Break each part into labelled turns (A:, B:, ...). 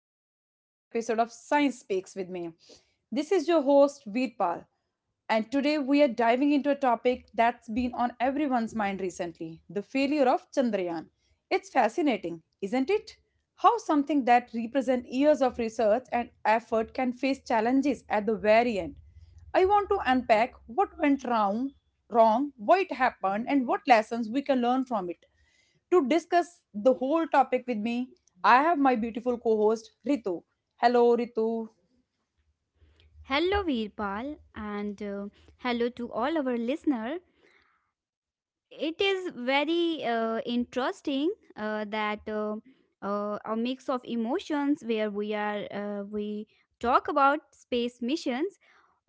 A: back to the another episode of Science Speaks with me. This is your host Veerpal, and today we are diving into a topic that's been on everyone's mind recently: the failure of Chandrayaan. It's fascinating, isn't it? How something that represents years of research and effort can face challenges at the very end. I want to unpack what went wrong, why it happened, and what lessons we can learn from it. To discuss the whole topic with me, I have my beautiful co host Ritu. Hello, Ritu.
B: Hello, Veerpal, and hello to all our listener. It is very interesting that a mix of emotions where we are we talk about space missions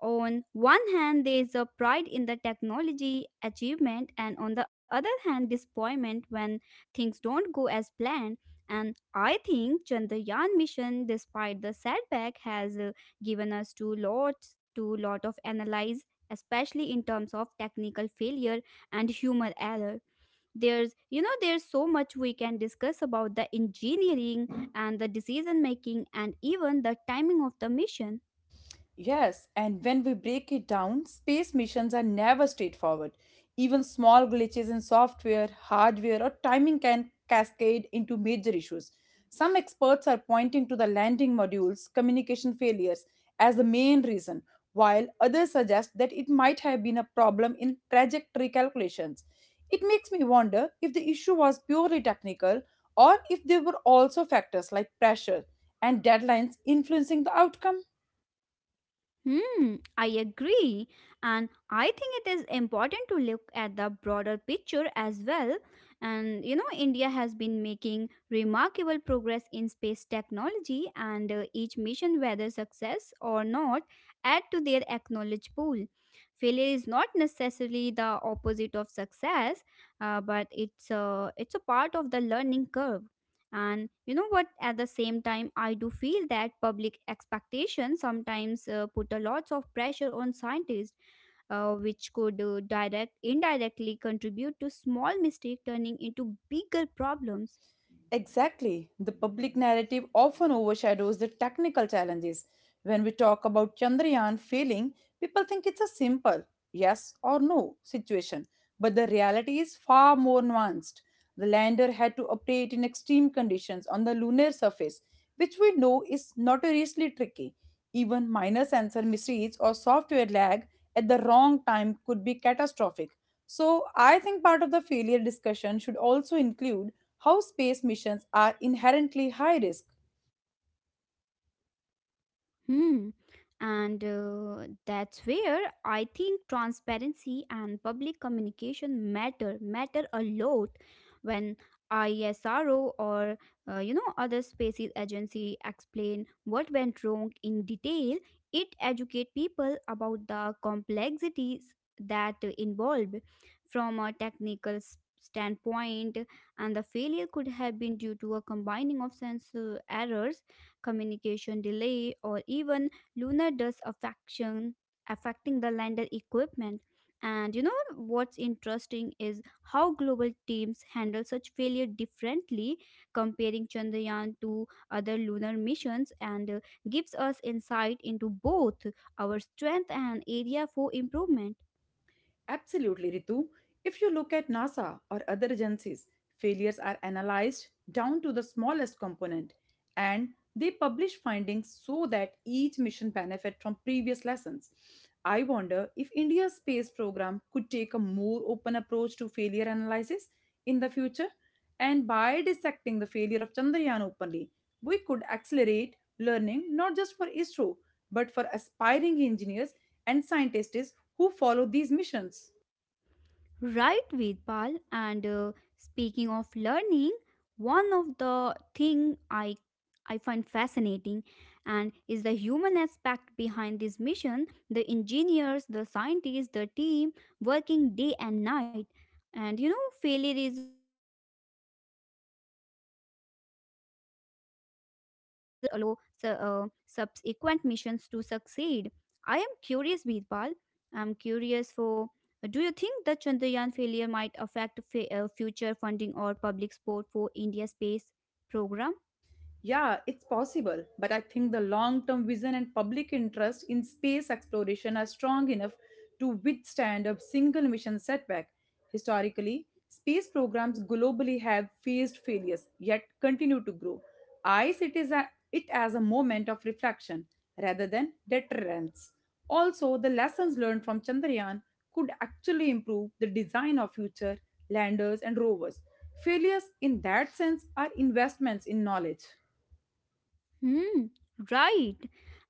B: on one hand, there is a pride in the technology achievement, and on the other hand, disappointment when things don't go as planned. And I think Chandrayaan mission, despite the setback, has given us too lot of analyze, especially in terms of technical failure and human error. There's, you know, there's so much we can discuss about the engineering and the decision making and even the timing of the mission.
A: Yes, and when we break it down, space missions are never straightforward. Even small glitches in software, hardware, or timing can cascade into major issues. Some experts are pointing to the landing module's communication failures as the main reason, while others suggest that it might have been a problem in trajectory calculations. It makes me wonder if the issue was purely technical or if there were also factors like pressure and deadlines influencing the outcome.
B: Hmm, I agree. And I think it is important to look at the broader picture as well. And you know, India has been making remarkable progress in space technology, and each mission, whether success or not, add to their acknowledged pool. Failure is not necessarily the opposite of success, but it's a part of the learning curve. And you know what, at the same time I do feel that public expectations sometimes put a lot of pressure on scientists, which could direct indirectly contribute to small mistake turning into bigger problems.
A: Exactly. The public narrative often overshadows the technical challenges. When we talk about Chandrayaan failing, people think it's a simple yes or no situation. But the reality is far more nuanced. The lander had to operate in extreme conditions on the lunar surface, which we know is notoriously tricky. Even minor sensor misreads or software lag at the wrong time could be catastrophic. So, I think part of the failure discussion should also include how space missions are inherently high risk.
B: Hmm. And that's where I think transparency and public communication matter a lot. When ISRO or you know other spaces agency explain what went wrong in detail, it educate people about the complexities that involved from a technical standpoint, and the failure could have been due to a combining of sensor errors, communication delay, or even lunar dust affection affecting the lander equipment. And you know what's interesting is how global teams handle such failure differently, comparing Chandrayaan to other lunar missions, and gives us insight into both our strength and area for improvement.
A: Absolutely, Ritu. If you look at NASA or other agencies, failures are analyzed down to the smallest component and they publish findings so that each mission benefit from previous lessons. I wonder if India's space program could take a more open approach to failure analysis in the future, and by dissecting the failure of Chandrayaan openly, we could accelerate learning not just for ISRO but for aspiring engineers and scientists who follow these missions.
B: Right, Vedpal. And speaking of learning, one of the thing I find fascinating and is the human aspect behind this mission. The engineers, the scientists, the team working day and night. And you know, failure is emotional taxing. Yet it is their resilience that allow su- uh, subsequent missions to succeed. I am curious, Vedpal. I'm curious for Do you think the Chandrayaan failure might affect future funding or public support for India's space program?
A: Yeah, it's possible, but I think the long term vision and public interest in space exploration are strong enough to withstand a single mission setback. Historically, space programs globally have faced failures yet continue to grow. I see it, is a, it as a moment of reflection rather than deterrence. Also, the lessons learned from Chandrayaan could actually improve the design of future landers and rovers. Failures, in that sense, are investments in knowledge.
B: Hmm, right.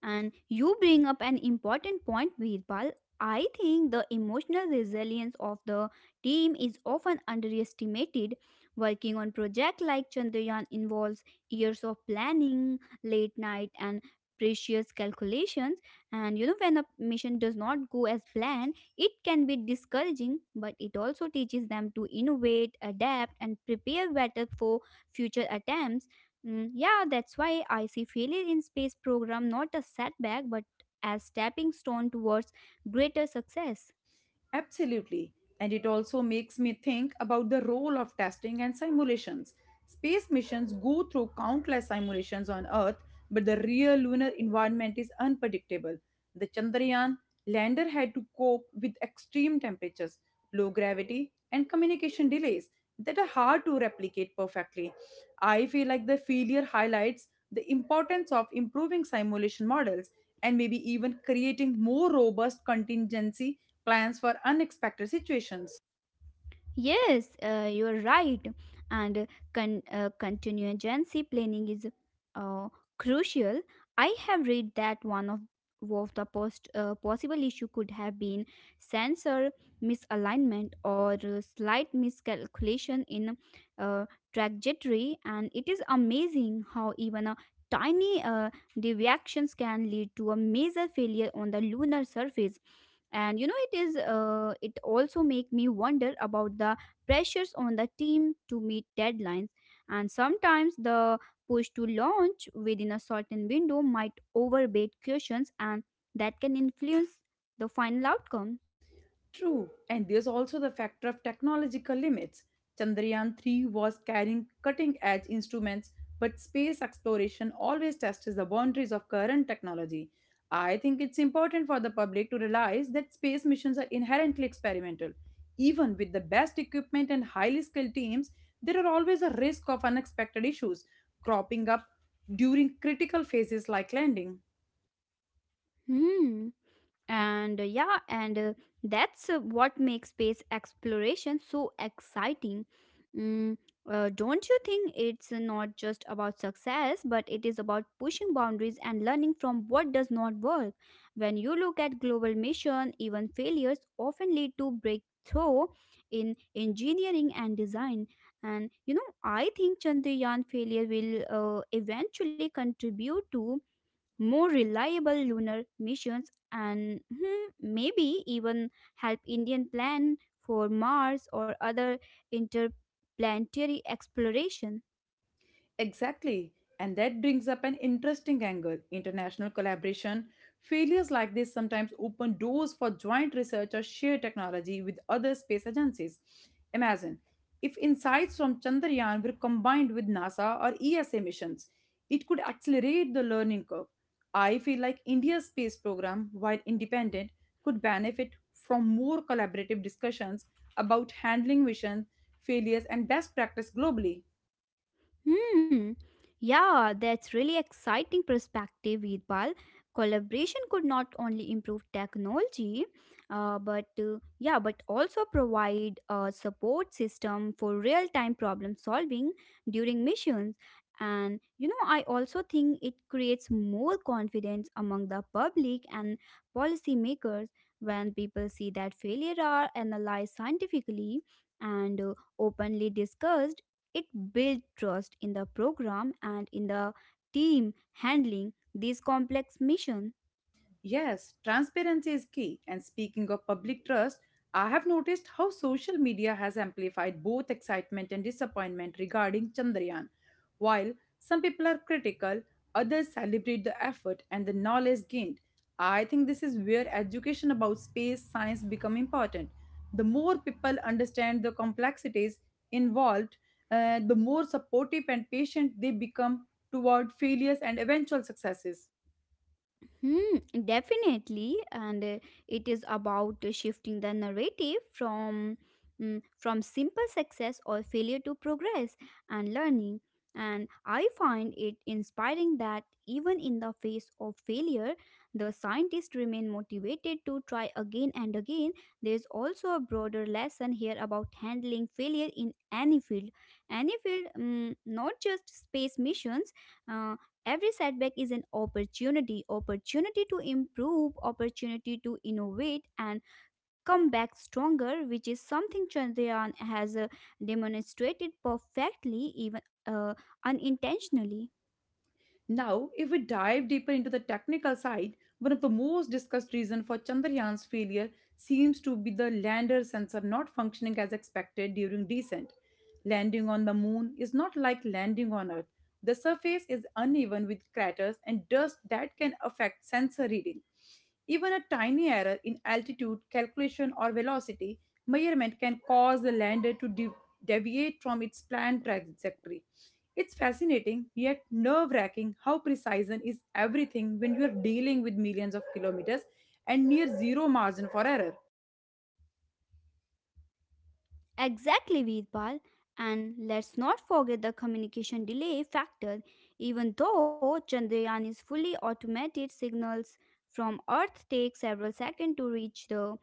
B: And you bring up an important point, Veerpal. I think the emotional resilience of the team is often underestimated. Working on project like Chandrayaan involves years of planning, late night and precious calculations. And you know, when a mission does not go as planned, it can be discouraging, but it also teaches them to innovate, adapt, and prepare better for future attempts. Mm, yeah, that's why I see failure in space program not a setback but as stepping stone towards greater success.
A: Absolutely. And it also makes me think about the role of testing and simulations. Space missions go through countless simulations on Earth, but the real lunar environment is unpredictable. The Chandrayaan lander had to cope with extreme temperatures, low gravity, and communication delays that are hard to replicate perfectly. I feel like the failure highlights the importance of improving simulation models and maybe even creating more robust contingency plans for unexpected situations.
B: Yes, you're right. And contingency planning is uh, crucial. I have read that one of the post possible issue could have been sensor misalignment or slight miscalculation in uh, trajectory, and it is amazing how even a tiny deviations can lead to a major failure on the lunar surface. And you know, it is it also make me wonder about the pressures on the team to meet deadlines, and sometimes the push to launch within a certain window might overbait cautions, and that can influence the final outcome.
A: True, and there's also the factor of technological limits. Chandrayaan 3 was carrying cutting edge instruments, but space exploration always tests the boundaries of current technology. I think it's important for the public to realize that space missions are inherently experimental. Even with the best equipment and highly skilled teams, there are always a risk of unexpected issues cropping up during critical phases like landing.
B: Hmm, and yeah, and that's what makes space exploration so exciting. Mm, don't you think it's not just about success but it is about pushing boundaries and learning from what does not work? When you look at global mission, even failures often lead to breakthrough in engineering and design. And you know, I think Chandrayaan failure will eventually contribute to more reliable lunar missions and, hmm, maybe even help Indian plan for Mars or other interplanetary exploration.
A: Exactly. And that brings up an interesting angle. International collaboration failures like this sometimes open doors for joint research or share technology with other space agencies. Imagine if insights from Chandrayaan were combined with NASA or ESA missions, it could accelerate the learning curve. I feel like India's space program, while independent, could benefit from more collaborative discussions about handling missions, failures, and best practice globally.
B: Hmm. Yeah, that's really exciting perspective, Veerpal. Collaboration could not only improve technology, but yeah, but also provide a support system for real-time problem solving during missions. And you know, I also think it creates more confidence among the public and policymakers when people see that failure are analyzed scientifically and openly discussed. It built trust in the program and in the team handling these complex missions.
A: Yes, transparency is key. And speaking of public trust, I have noticed how social media has amplified both excitement and disappointment regarding Chandrayaan. While some people are critical, others celebrate the effort and the knowledge gained. I think this is where education about space science become important. The more people understand the complexities involved, the more supportive and patient they become toward failures and eventual successes.
B: Hmm, definitely, and it is about shifting the narrative from from simple success or failure to progress and learning. And I find it inspiring that even in the face of failure, the scientists remain motivated to try again and again. There is also a broader lesson here about handling failure in any field, mm, not just space missions. uh, Every setback is an opportunity, opportunity to improve, opportunity to innovate and come back stronger, which is something Chandrayaan has demonstrated perfectly, even uh, unintentionally.
A: Now, if we dive deeper into the technical side, one of the most discussed reasons for Chandrayaan's failure seems to be the lander sensor not functioning as expected during descent. Landing on the moon is not like landing on Earth. The surface is uneven with craters and dust that can affect sensor reading. Even a tiny error in altitude, calculation, or velocity measurement can cause the lander to deviate from its planned trajectory. It's fascinating yet nerve wracking how precision is everything when you are dealing with millions of kilometers and near zero margin for error.
B: Exactly, Veerpal. And let's not forget the communication delay factor. Even though Chandrayaan is fully automated, signals from Earth take several seconds to reach the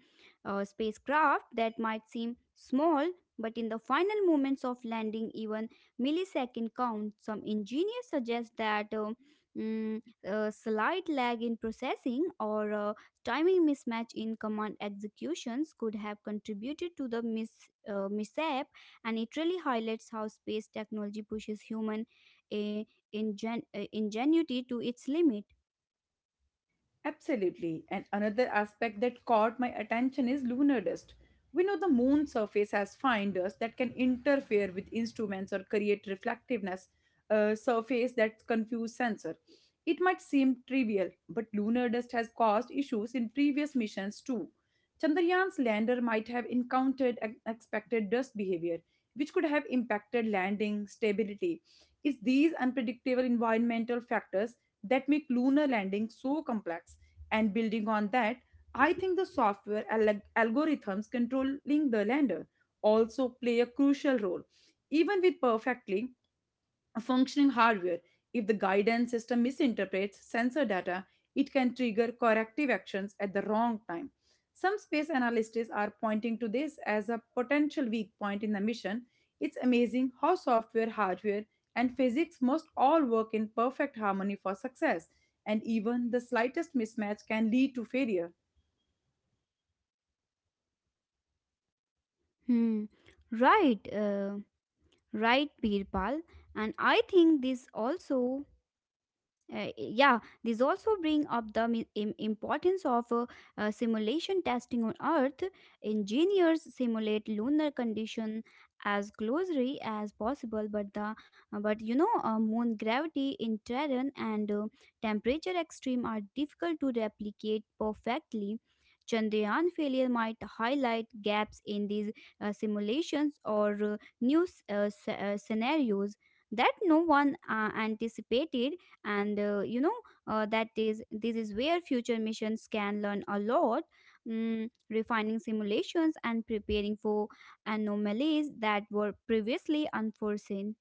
B: spacecraft. That might seem small, but in the final moments of landing, even millisecond count. Some engineers suggest that a slight lag in processing or timing mismatch in command executions could have contributed to the mishap, and it really highlights how space technology pushes human eh, ingenuity to its limit.
A: Absolutely. And another aspect that caught my attention is lunar dust. We know the moon's surface has fine dust that can interfere with instruments or create reflectiveness, a surface that confuse sensor. It might seem trivial, but lunar dust has caused issues in previous missions too. Chandrayaan's lander might have encountered unexpected dust behavior, which could have impacted landing stability. It's these unpredictable environmental factors that make lunar landing so complex, and building on that, I think the software algorithms controlling the lander also play a crucial role. Even with perfect a functioning hardware. If the guidance system misinterprets sensor data, it can trigger corrective actions at the wrong time. Some space analysts are pointing to this as a potential weak point in the mission. It's amazing how software, hardware, and physics must all work in perfect harmony for success, and even the slightest mismatch can lead to failure.
B: Hmm. Right, right, Birpal. And I think this also, yeah, these also bring up the importance of simulation testing on Earth. Engineers simulate lunar condition as closely as possible, but the but you know, moon gravity, terrain, and temperature extreme are difficult to replicate perfectly. Chandrayaan failure might highlight gaps in these simulations or scenarios that no one anticipated. And you know, that is this is where future missions can learn a lot, mm, refining simulations and preparing for anomalies that were previously unforeseen.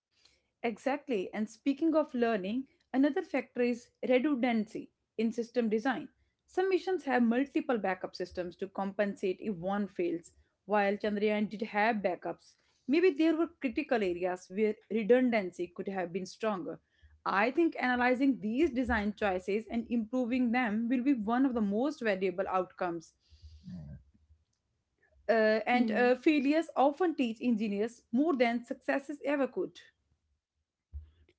A: Exactly. And speaking of learning, another factor is redundancy in system design. Some missions have multiple backup systems to compensate if one fails, while Chandrayaan did have backups. Maybe there were critical areas where redundancy could have been stronger. I think analyzing these design choices and improving them will be one of the most valuable outcomes. Uh, and
B: Hmm.
A: uh, failures often teach engineers more than successes ever could.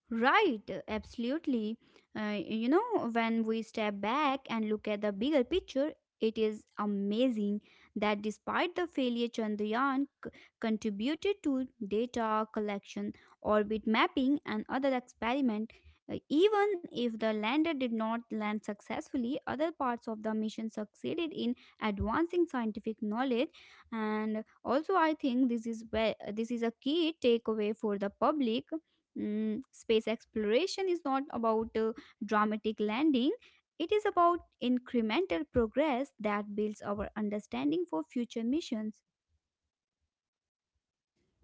B: Right, absolutely. You know, when we step back and look at the bigger picture, it is amazing that despite the failure, Chandrayaan contributed to data collection, orbit mapping, and other experiment. Even if the lander did not land successfully, other parts of the mission succeeded in advancing scientific knowledge. And also, I think this is where this is a key takeaway for the public. Mm, space exploration is not about a dramatic landing, it is about incremental progress that builds our understanding for future missions.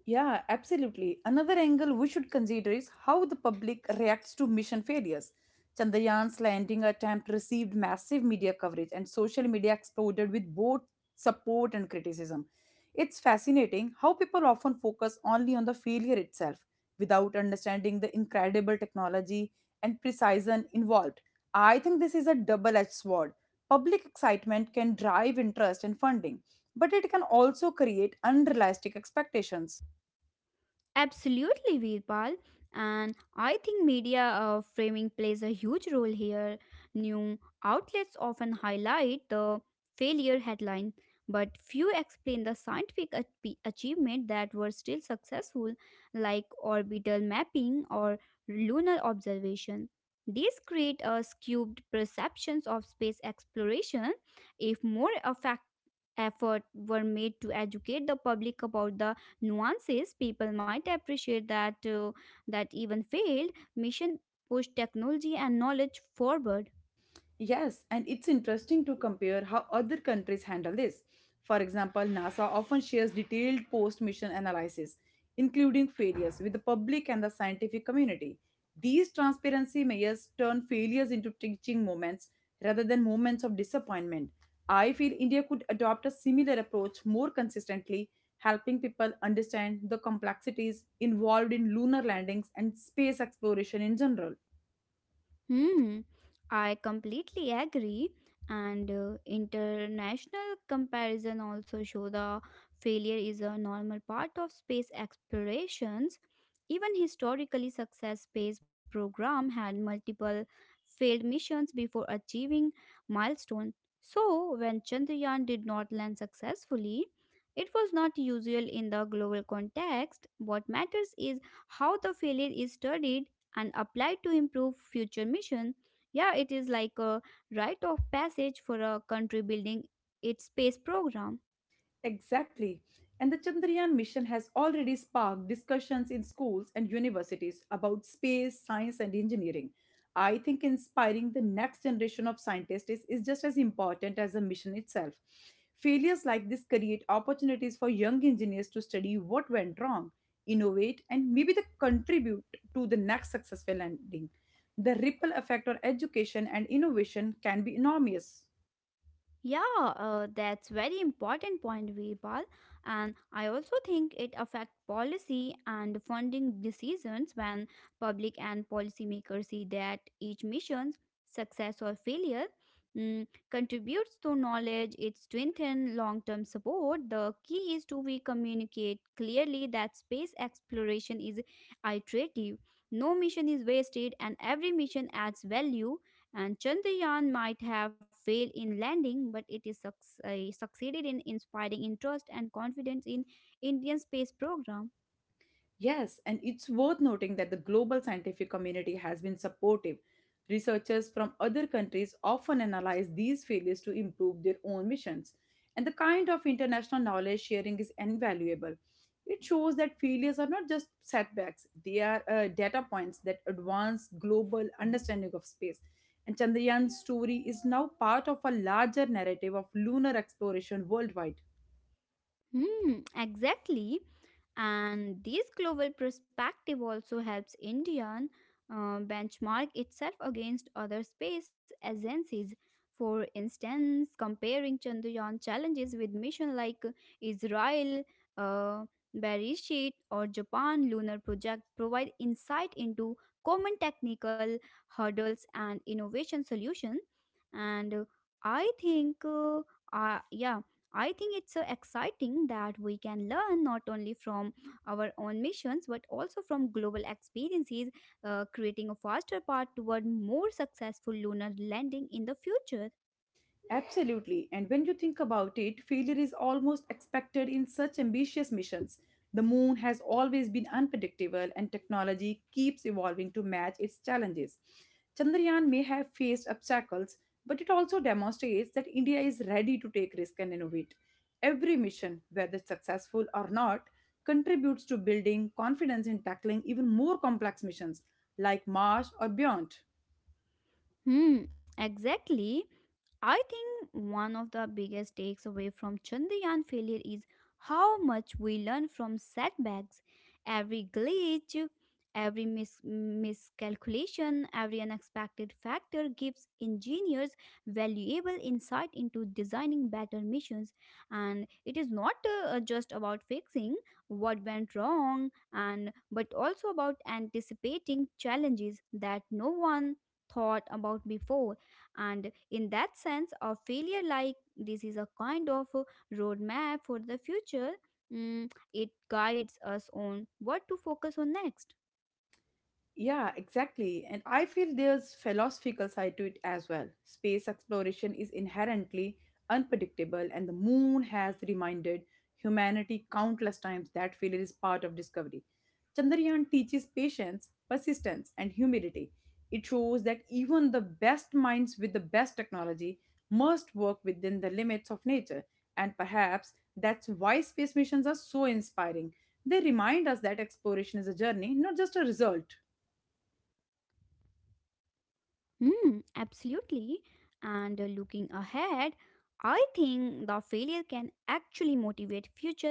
A: Yeah, absolutely. Another angle we should consider is how the public reacts to mission failures. Chandrayaan's landing attempt received massive media coverage, and social media exploded with both support and criticism. It's fascinating how people often focus only on the failure itself without understanding the incredible technology and precision involved. I think this is a double edged sword. Public excitement can drive interest and funding, but it can also create unrealistic expectations.
B: Absolutely, Veerpal. And I think media framing plays a huge role here. New outlets often highlight the failure headline, but few explain the scientific achievement that were still successful, like orbital mapping or lunar observation. These create a skewed perceptions of space exploration. If more effort were made to educate the public about the nuances, people might appreciate that even failed mission pushed technology and knowledge forward.
A: Yes, and it's interesting to compare how other countries handle this. For example, NASA often shares detailed post mission analysis, including failures, with the public and the scientific community. These transparency measures turn failures into teaching moments rather than moments of disappointment. I feel India could adopt a similar approach more consistently, helping people understand the complexities involved in lunar landings and space exploration in general.
B: Hmm, I completely agree. And international comparison also show the failure is a normal part of space explorations. Even historically success space program had multiple failed missions before achieving milestone. So when Chandrayaan did not land successfully, it was not usual in the global context. What matters is how the failure is studied and applied to improve future mission. Yeah, it is like a rite of passage for a country building its space program.
A: Exactly. And the Chandrayaan mission has already sparked discussions in schools and universities about space, science, and engineering. I think inspiring the next generation of scientists is just as important as the mission itself. Failures like this create opportunities for young engineers to study what went wrong, innovate, and maybe they contribute to the next successful landing. The ripple effect on education and innovation can be enormous.
B: Yeah, that's very important point, Veerpal. And I also think it affects policy and funding decisions when public and policymakers see that each mission's success or failure, mm, contributes to knowledge. It strengthens long-term support. The key is to we communicate clearly that space exploration is iterative. No mission is wasted, and every mission adds value, and Chandrayaan might have failed in landing, but it is succeeded in inspiring interest and confidence in Indian space program.
A: Yes, and it's worth noting that the global scientific community has been supportive. Researchers from other countries often analyze these failures to improve their own missions, and the kind of international knowledge sharing is invaluable. It shows that failures are not just setbacks, they are data points that advance global understanding of space. And Chandrayaan's story is now part of a larger narrative of lunar exploration worldwide.
B: Hmm, exactly. And this global perspective also helps Indian benchmark itself against other space agencies. For instance, comparing Chandrayaan challenges with missions like Israel, uh, Bereshit, or Japan lunar project provide insight into common technical hurdles and innovation solutions. And I think, uh, yeah, I think it's so exciting that we can learn not only from our own missions but also from global experiences, creating a faster path toward more successful lunar landing in the future.
A: Absolutely. And when you think about it, failure is almost expected in such ambitious missions. The moon has always been unpredictable, and technology keeps evolving to match its challenges. Chandrayaan may have faced obstacles, but it also demonstrates that India is ready to take risk and innovate. Every mission, whether successful or not, contributes to building confidence in tackling even more complex missions like Mars or beyond.
B: Hmm, exactly. I think one of the biggest takeaway from Chandrayaan failure is how much we learn from setbacks. Every glitch, every miscalculation, every unexpected factor gives engineers valuable insight into designing better missions. And it is not just about fixing what went wrong, and but also about anticipating challenges that no one thought about before. And in that sense, a failure like this is a kind of a roadmap for the future. Mm, it guides us on what to focus on next.
A: Yeah, exactly. And I feel there's philosophical side to it as well. Space exploration is inherently unpredictable, and the moon has reminded humanity countless times that failure is part of discovery. Chandrayaan teaches patience, persistence, and humility. It shows that even the best minds with the best technology must work within the limits of nature. And perhaps that's why space missions are so inspiring. They remind us that exploration is a journey, not just a result.
B: Hmm, absolutely. And Looking ahead, I think the failure can actually motivate future missions.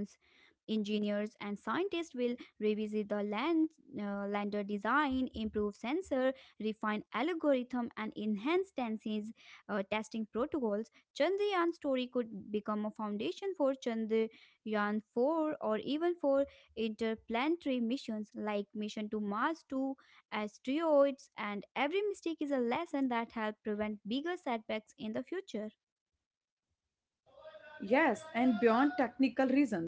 B: Engineers and scientists will revisit the lander design, improve sensor, refine algorithm, and enhance testing protocols. Chandrayaan story could become a foundation for Chandrayaan 4 or even for interplanetary missions like Mission to Mars 2, asteroids, and every mistake is a lesson that help prevent bigger setbacks in the future.
A: Yes, and beyond technical reasons,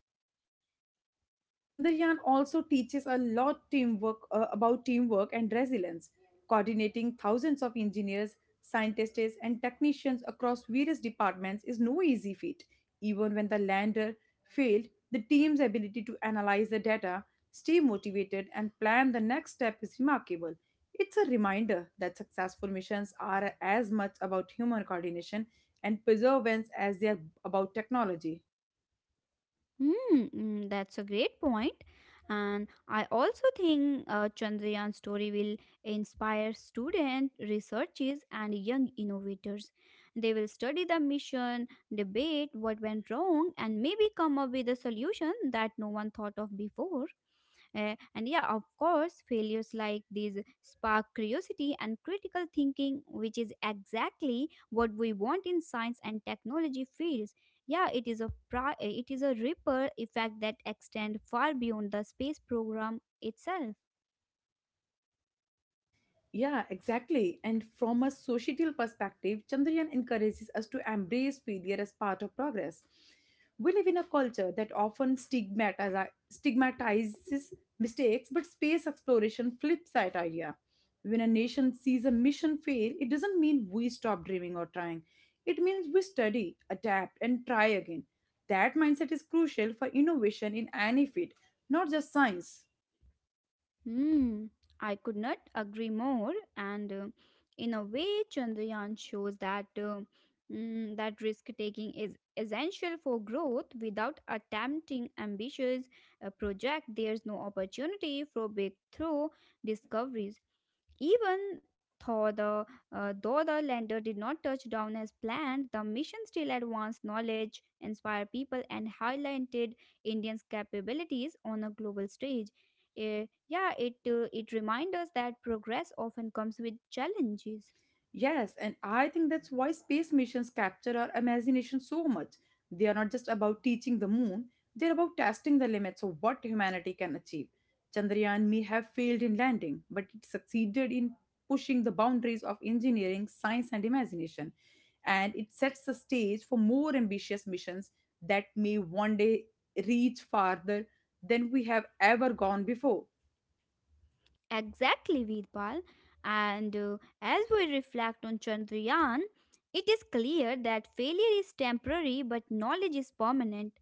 A: Chandrayaan also teaches a lot teamwork about teamwork and resilience, coordinating thousands of engineers, scientists, and technicians across various departments is no easy feat. Even when the lander failed, the team's ability to analyze the data, stay motivated, and plan the next step is remarkable. It's a reminder that successful missions are as much about human coordination and perseverance as they are about technology.
B: That's a great point. And I also think Chandrayaan story will inspire student researchers and young innovators. They will study the mission, debate what went wrong, and maybe come up with a solution that no one thought of before. And yeah, of course, failures like these spark curiosity and critical thinking, which is exactly what we want in science and technology fields. Yeah, it is a ripple effect that extend far beyond the space program itself.
A: Yeah, exactly. And from a societal perspective, Chandrayaan encourages us to embrace failure as part of progress. We live in a culture that often stigmatizes mistakes, but space exploration flips that idea. When a nation sees a mission fail, it doesn't mean we stop dreaming or trying. It means we study, adapt, and try again. That mindset is crucial for innovation in any field, not just science.
B: Hmm, I could not agree more. And in a way, Chandrayaan shows that that risk taking is essential for growth. Without attempting ambitious project, there's no opportunity for breakthrough discoveries. Even though the, though the lander did not touch down as planned, the mission still advanced knowledge, inspired people, and highlighted Indians' capabilities on a global stage. Yeah, it it reminds us that progress often comes with challenges.
A: Yes, and I think that's why space missions capture our imagination so much. They are not just about teaching the moon, they're about testing the limits of what humanity can achieve. Chandrayaan may have failed in landing, but it succeeded in pushing the boundaries of engineering, science, and imagination. And it sets the stage for more ambitious missions that may one day reach farther than we have ever gone before.
B: Exactly, Veerpal. And as we reflect on Chandrayaan, it is clear that failure is temporary but knowledge is permanent.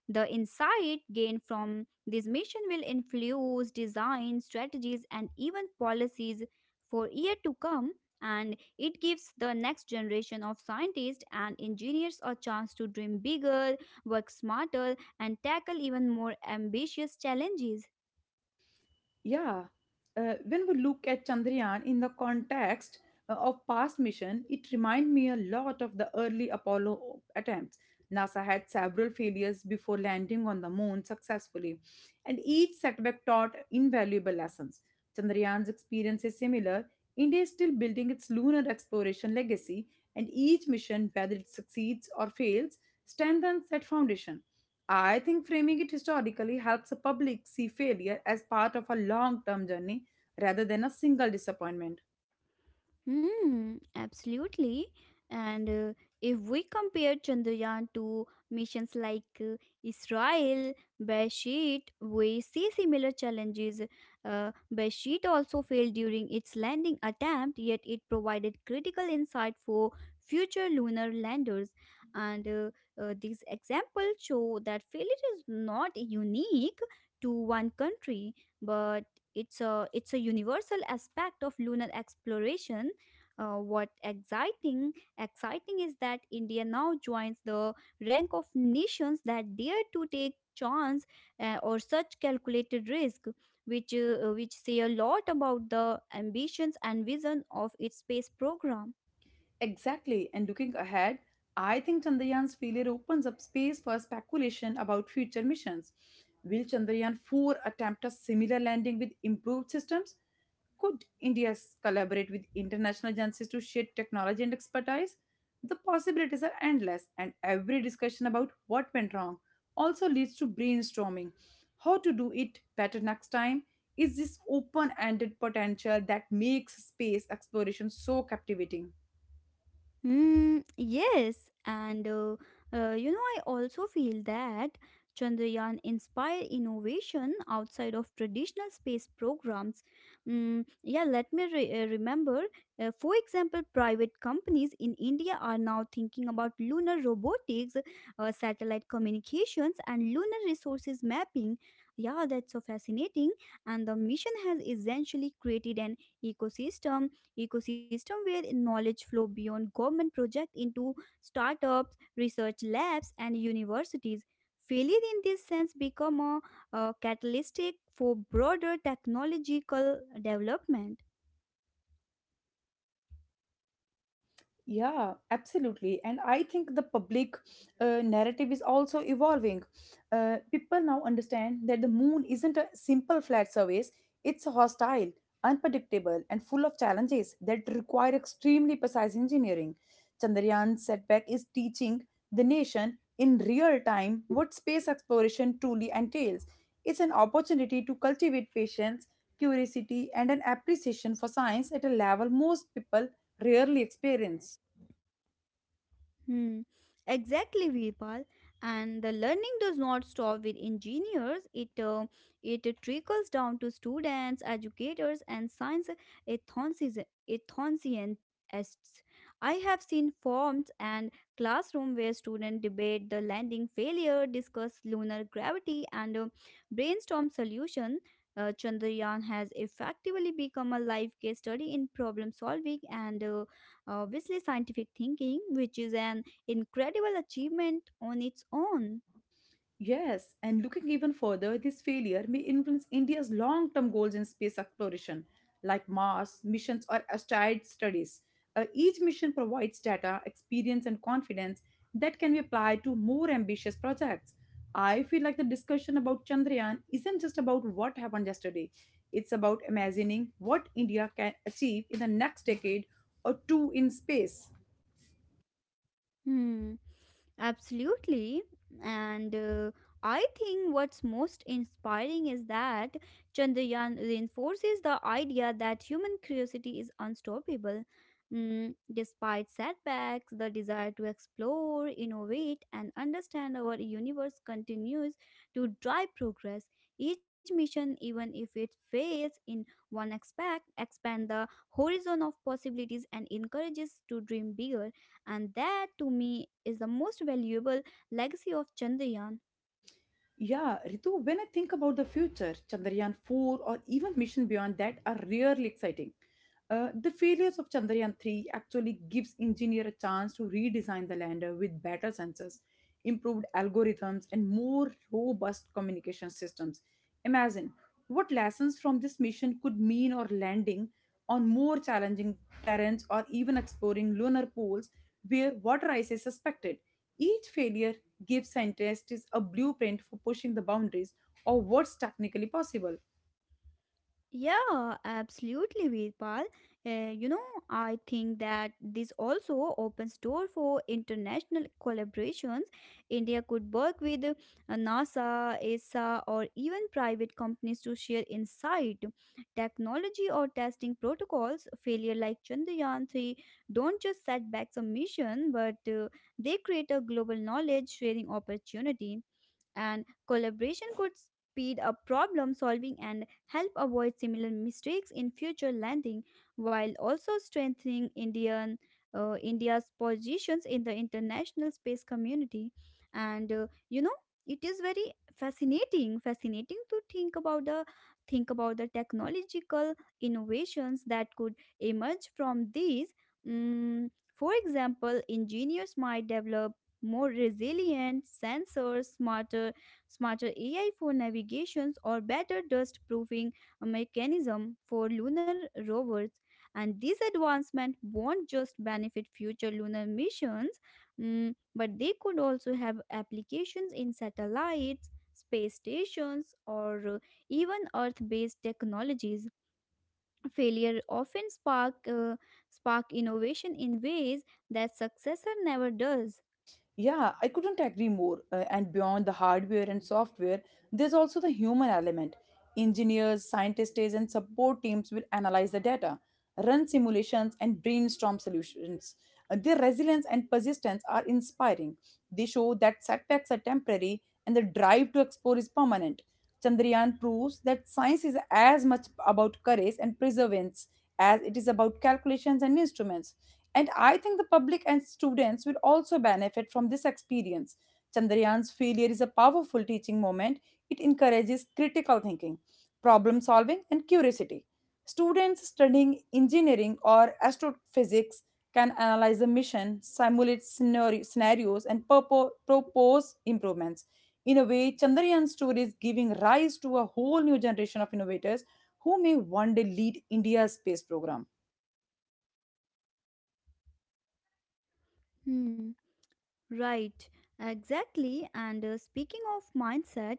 B: The insight gained from this mission will influence design, strategies, and even policies for years to come, and it gives the next generation of scientists and engineers a chance to dream bigger, work smarter, and tackle even more ambitious challenges.
A: Yeah, when we look at Chandrayaan in the context of past mission, it reminds me a lot of the early Apollo attempts. NASA had several failures before landing on the moon successfully, and each setback taught invaluable lessons. Chandrayaan's experience is similar. India is still building its lunar exploration legacy, and each mission, whether it succeeds or fails, strengthens that foundation. I think framing it historically helps the public see failure as part of a long term journey rather than a single disappointment.
B: Hmm, absolutely. And if we compare Chandrayaan to missions like Israel, Beresheet, we see similar challenges. Beresheet also failed during its landing attempt, yet it provided critical insight for future lunar landers. And These examples show that failure is not unique to one country, but it's a universal aspect of lunar exploration. What exciting is that India now joins the rank of nations that dare to take chance, or such calculated risk, which say a lot about the ambitions and vision of its space program.
A: Exactly, and looking ahead, I think Chandrayaan's failure opens up space for speculation about future missions. Will Chandrayaan 4 attempt a similar landing with improved systems? Could collaborate with international agencies to share technology and expertise? The possibilities are endless, and every discussion about what went wrong also leads to brainstorming how to do it better next time. Is this open ended potential that makes space exploration so captivating?
B: Yes, and you know, I also feel that Chandrayaan inspired innovation outside of traditional space programs. Yeah, let me remember, for example, private companies in India are now thinking about lunar robotics, satellite communications, and lunar resources mapping. Yeah, that's so fascinating. And the mission has essentially created an ecosystem ecosystem where knowledge flow beyond government projects into startups, research labs, and universities. Failure in this sense become a catalytic for broader technological development.
A: Yeah, absolutely. And I think the public narrative is also evolving. People now understand that the moon isn't a simple flat surface, it's hostile, unpredictable, and full of challenges that require extremely precise engineering. Chandrayaan's setback is teaching the nation in real time what space exploration truly entails. It's an opportunity to cultivate patience, curiosity, and an appreciation for science at a level most people rarely experience.
B: Hmm. Exactly, Virpal. And the learning does not stop with engineers. It it trickles down to students, educators, and science enthusiasts. I have seen forums and classroom where students debate the landing failure, discuss lunar gravity, and brainstorm solution. Chandrayaan has effectively become a live case study in problem solving and obviously scientific thinking, which is an incredible achievement on its own.
A: Yes, and looking even further, this failure may influence India's long term goals in space exploration, like Mars missions or asteroid studies. Each mission provides data, experience, and confidence that can be applied to more ambitious projects. I feel like the discussion about Chandrayaan isn't just about what happened yesterday, it's about imagining what India can achieve in the next decade or two in space.
B: Hmm, absolutely. And I think what's most inspiring is that Chandrayaan reinforces the idea that human curiosity is unstoppable. Despite setbacks, the desire to explore, innovate, and understand our universe continues to drive progress. Each mission, even if it fails in one aspect, expands the horizon of possibilities and encourages to dream bigger, and that to me is the most valuable legacy of Chandrayaan.
A: Yeah, Ritu, when I think about the future, Chandrayaan 4 or even mission beyond that are really exciting. The failures of Chandrayaan 3 actually gives engineer a chance to redesign the lander with better sensors, improved algorithms and more robust communication systems. Imagine what lessons from this mission could mean or landing on more challenging terrains or even exploring lunar poles where water ice is suspected. Each failure gives scientists a blueprint for pushing the boundaries of what's technically possible.
B: Yeah, absolutely, Veerpal. You know, I think that this also opens door for international collaborations. India could work with NASA, ESA, or even private companies to share insight, technology, or testing protocols. Failure like Chandrayaan 3 don't just set back some mission, but they create a global knowledge sharing opportunity, and collaboration could speed up problem solving and help avoid similar mistakes in future landing while also strengthening indian india's positions in the international space community. And you know, it is very fascinating to think about the technological innovations that could emerge from these. Mm, for example, engineers might develop more resilient sensors, smarter AI for navigations, or better dust-proofing mechanism for lunar rovers. And these advancements won't just benefit future lunar missions, mm, but they could also have applications in satellites, space stations, or even Earth-based technologies. Failure often spark innovation in ways that successor never does.
A: Yeah, I couldn't agree more. And beyond the hardware and software, there's also the human element. Engineers, scientists, and support teams will analyze the data, run simulations, and brainstorm solutions. Their resilience and persistence are inspiring. They show that setbacks are temporary and the drive to explore is permanent. Chandrayaan proves that science is as much about courage and perseverance as it is about calculations and instruments. And I think the public and students will also benefit from this experience. Chandrayaan's failure is a powerful teaching moment. It encourages critical thinking, problem solving, and curiosity. Students studying engineering or astrophysics can analyze a mission, scenarios, and propose improvements. In a way, Chandrayaan's story is giving rise to a whole new generation of innovators who may one day lead India's space program.
B: Hmm. Right, exactly. And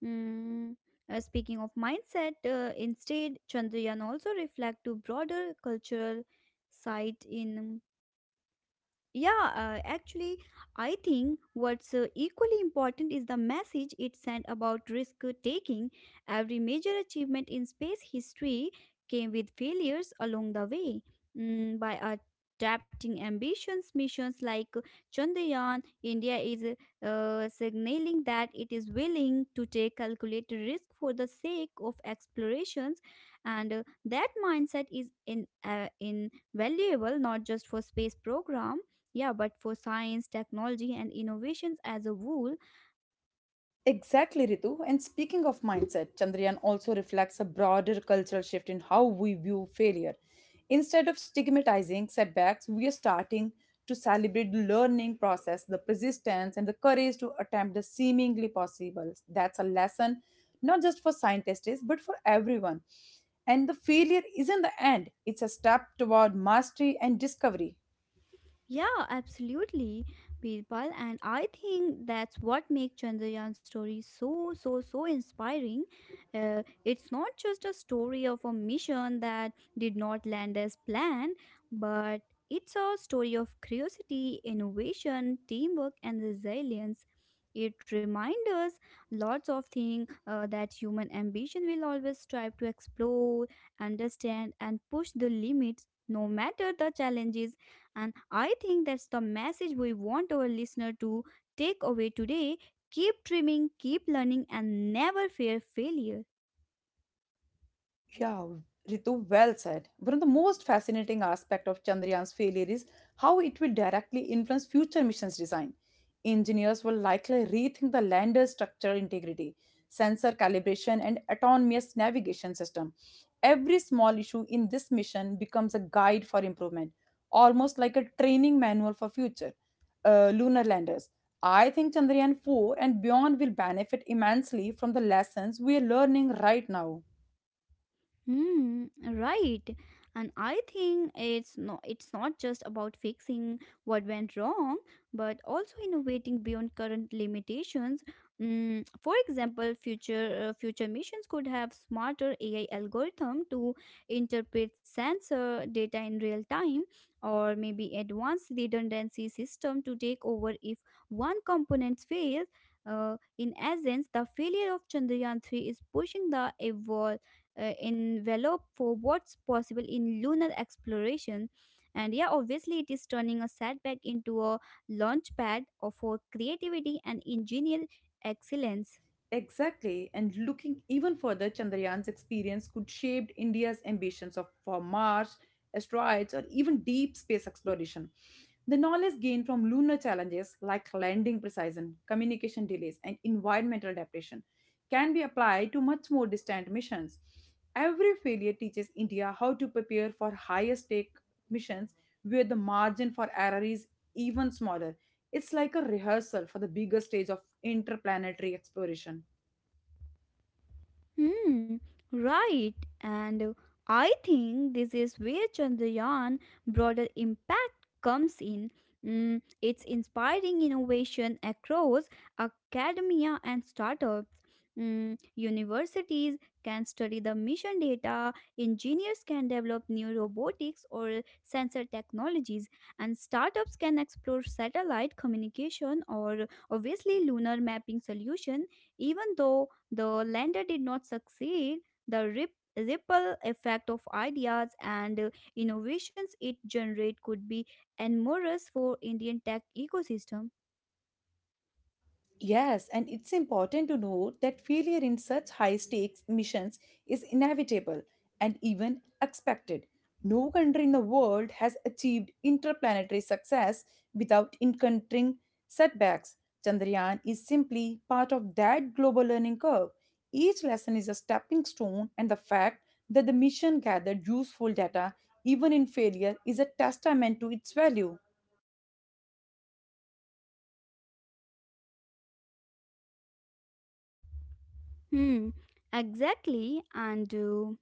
B: mm, speaking of mindset, instead Chandrayaan also reflect to broader cultural site in. Yeah, actually, I think what's equally important is the message it sent about risk taking. Every major achievement in space history came with failures along the way. Mm, by adapting ambitions, missions like Chandrayaan, India is signaling that it is willing to take calculated risk for the sake of explorations, and that mindset is invaluable not just for space program, yeah, but for science, technology, and innovations as a whole.
A: Exactly, Ritu. And speaking of mindset, Chandrayaan also reflects a broader cultural shift in how we view failure. Instead of stigmatizing setbacks, we are starting to celebrate the learning process, the persistence, and the courage to attempt the seemingly possible. That's a lesson not just for scientists, but for everyone. And the failure isn't the end, it's a step toward mastery and discovery.
B: Yeah, absolutely, Birpal. And I think that's what makes Chandrayaan story so, so, so inspiring. It's not just a story of a mission that did not land as planned, but it's a story of curiosity, innovation, teamwork, and resilience. It reminds us lots of things that human ambition will always strive to explore, understand, and push the limits, no matter the challenges. And I think that's the message we want our listener to take away today. Keep dreaming, keep learning, and never fear failure.
A: Yeah, Ritu, well said. One of the most fascinating aspects of Chandrayaan's failure is how it will directly influence future missions design. Engineers will likely rethink the lander's structural integrity, sensor calibration, and autonomous navigation system. Every small issue in this mission becomes a guide for improvement, almost like a training manual for future lunar landers. I think Chandrayaan 4 and beyond will benefit immensely from the lessons we are learning right now.
B: Hmm, right. And I think it's not just about fixing what went wrong, but also innovating beyond current limitations. Mm, for example, future missions could have smarter AI algorithm to interpret sensor data in real time, or maybe advanced redundancy system to take over if one component fails. In essence, the failure of Chandrayaan 3 is pushing the envelope for what's possible in lunar exploration. And yeah, obviously, it is turning a setback into a launch pad for creativity and engineer excellence.
A: Exactly, and looking even further, Chandrayaan's experience could shape India's ambitions of, for Mars, asteroids, or even deep space exploration. The knowledge gained from lunar challenges like landing precision, communication delays, and environmental adaptation can be applied to much more distant missions. Every failure teaches India how to prepare for higher stake missions where the margin for error is even smaller. It's like a rehearsal for the bigger stage of interplanetary exploration.
B: Hmm, right. And I think this is where Chandrayaan broader impact comes in. Mm, it's inspiring innovation across academia and startups. Mm, universities can study the mission data, engineers can develop new robotics or sensor technologies, and startups can explore satellite communication or obviously lunar mapping solution, even though the lander did not succeed. The ripple effect of ideas and innovations it generate could be enormous for Indian tech ecosystem.
A: Yes, and it's important to note that failure in such high stakes missions is inevitable and even expected. No country in the world has achieved interplanetary success without encountering setbacks. Chandrayaan is simply part of that global learning curve. Each lesson is a stepping stone, and the fact that the mission gathered useful data even in failure is a testament to its value.
B: Hmm, exactly. And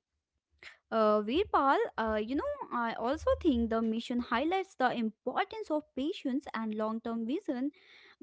B: Veerpal, you know, I also think the mission highlights the importance of patience and long term vision.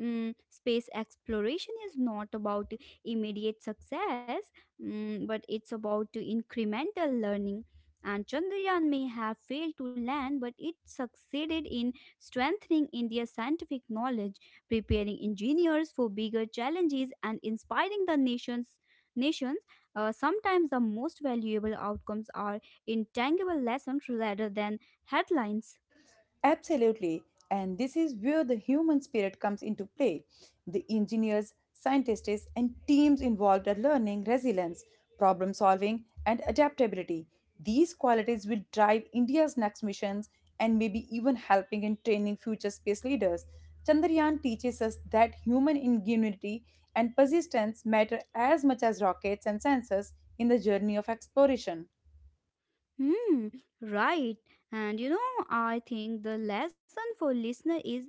B: Mm, space exploration is not about immediate success, mm, but it's about incremental learning. And Chandrayaan may have failed to land, but it succeeded in strengthening India's scientific knowledge, preparing engineers for bigger challenges, and inspiring the nation's nations. Sometimes the most valuable outcomes are intangible lessons rather than headlines.
A: Absolutely. And this is where the human spirit comes into play. The engineers, scientists, and teams involved are learning resilience, problem solving, and adaptability. These qualities will drive India's next missions and maybe even helping in training future space leaders. Chandrayaan teaches us that human ingenuity and persistence matter as much as rockets and sensors in the journey of exploration.
B: Hmm, right. And you know, I think the lesson for listener is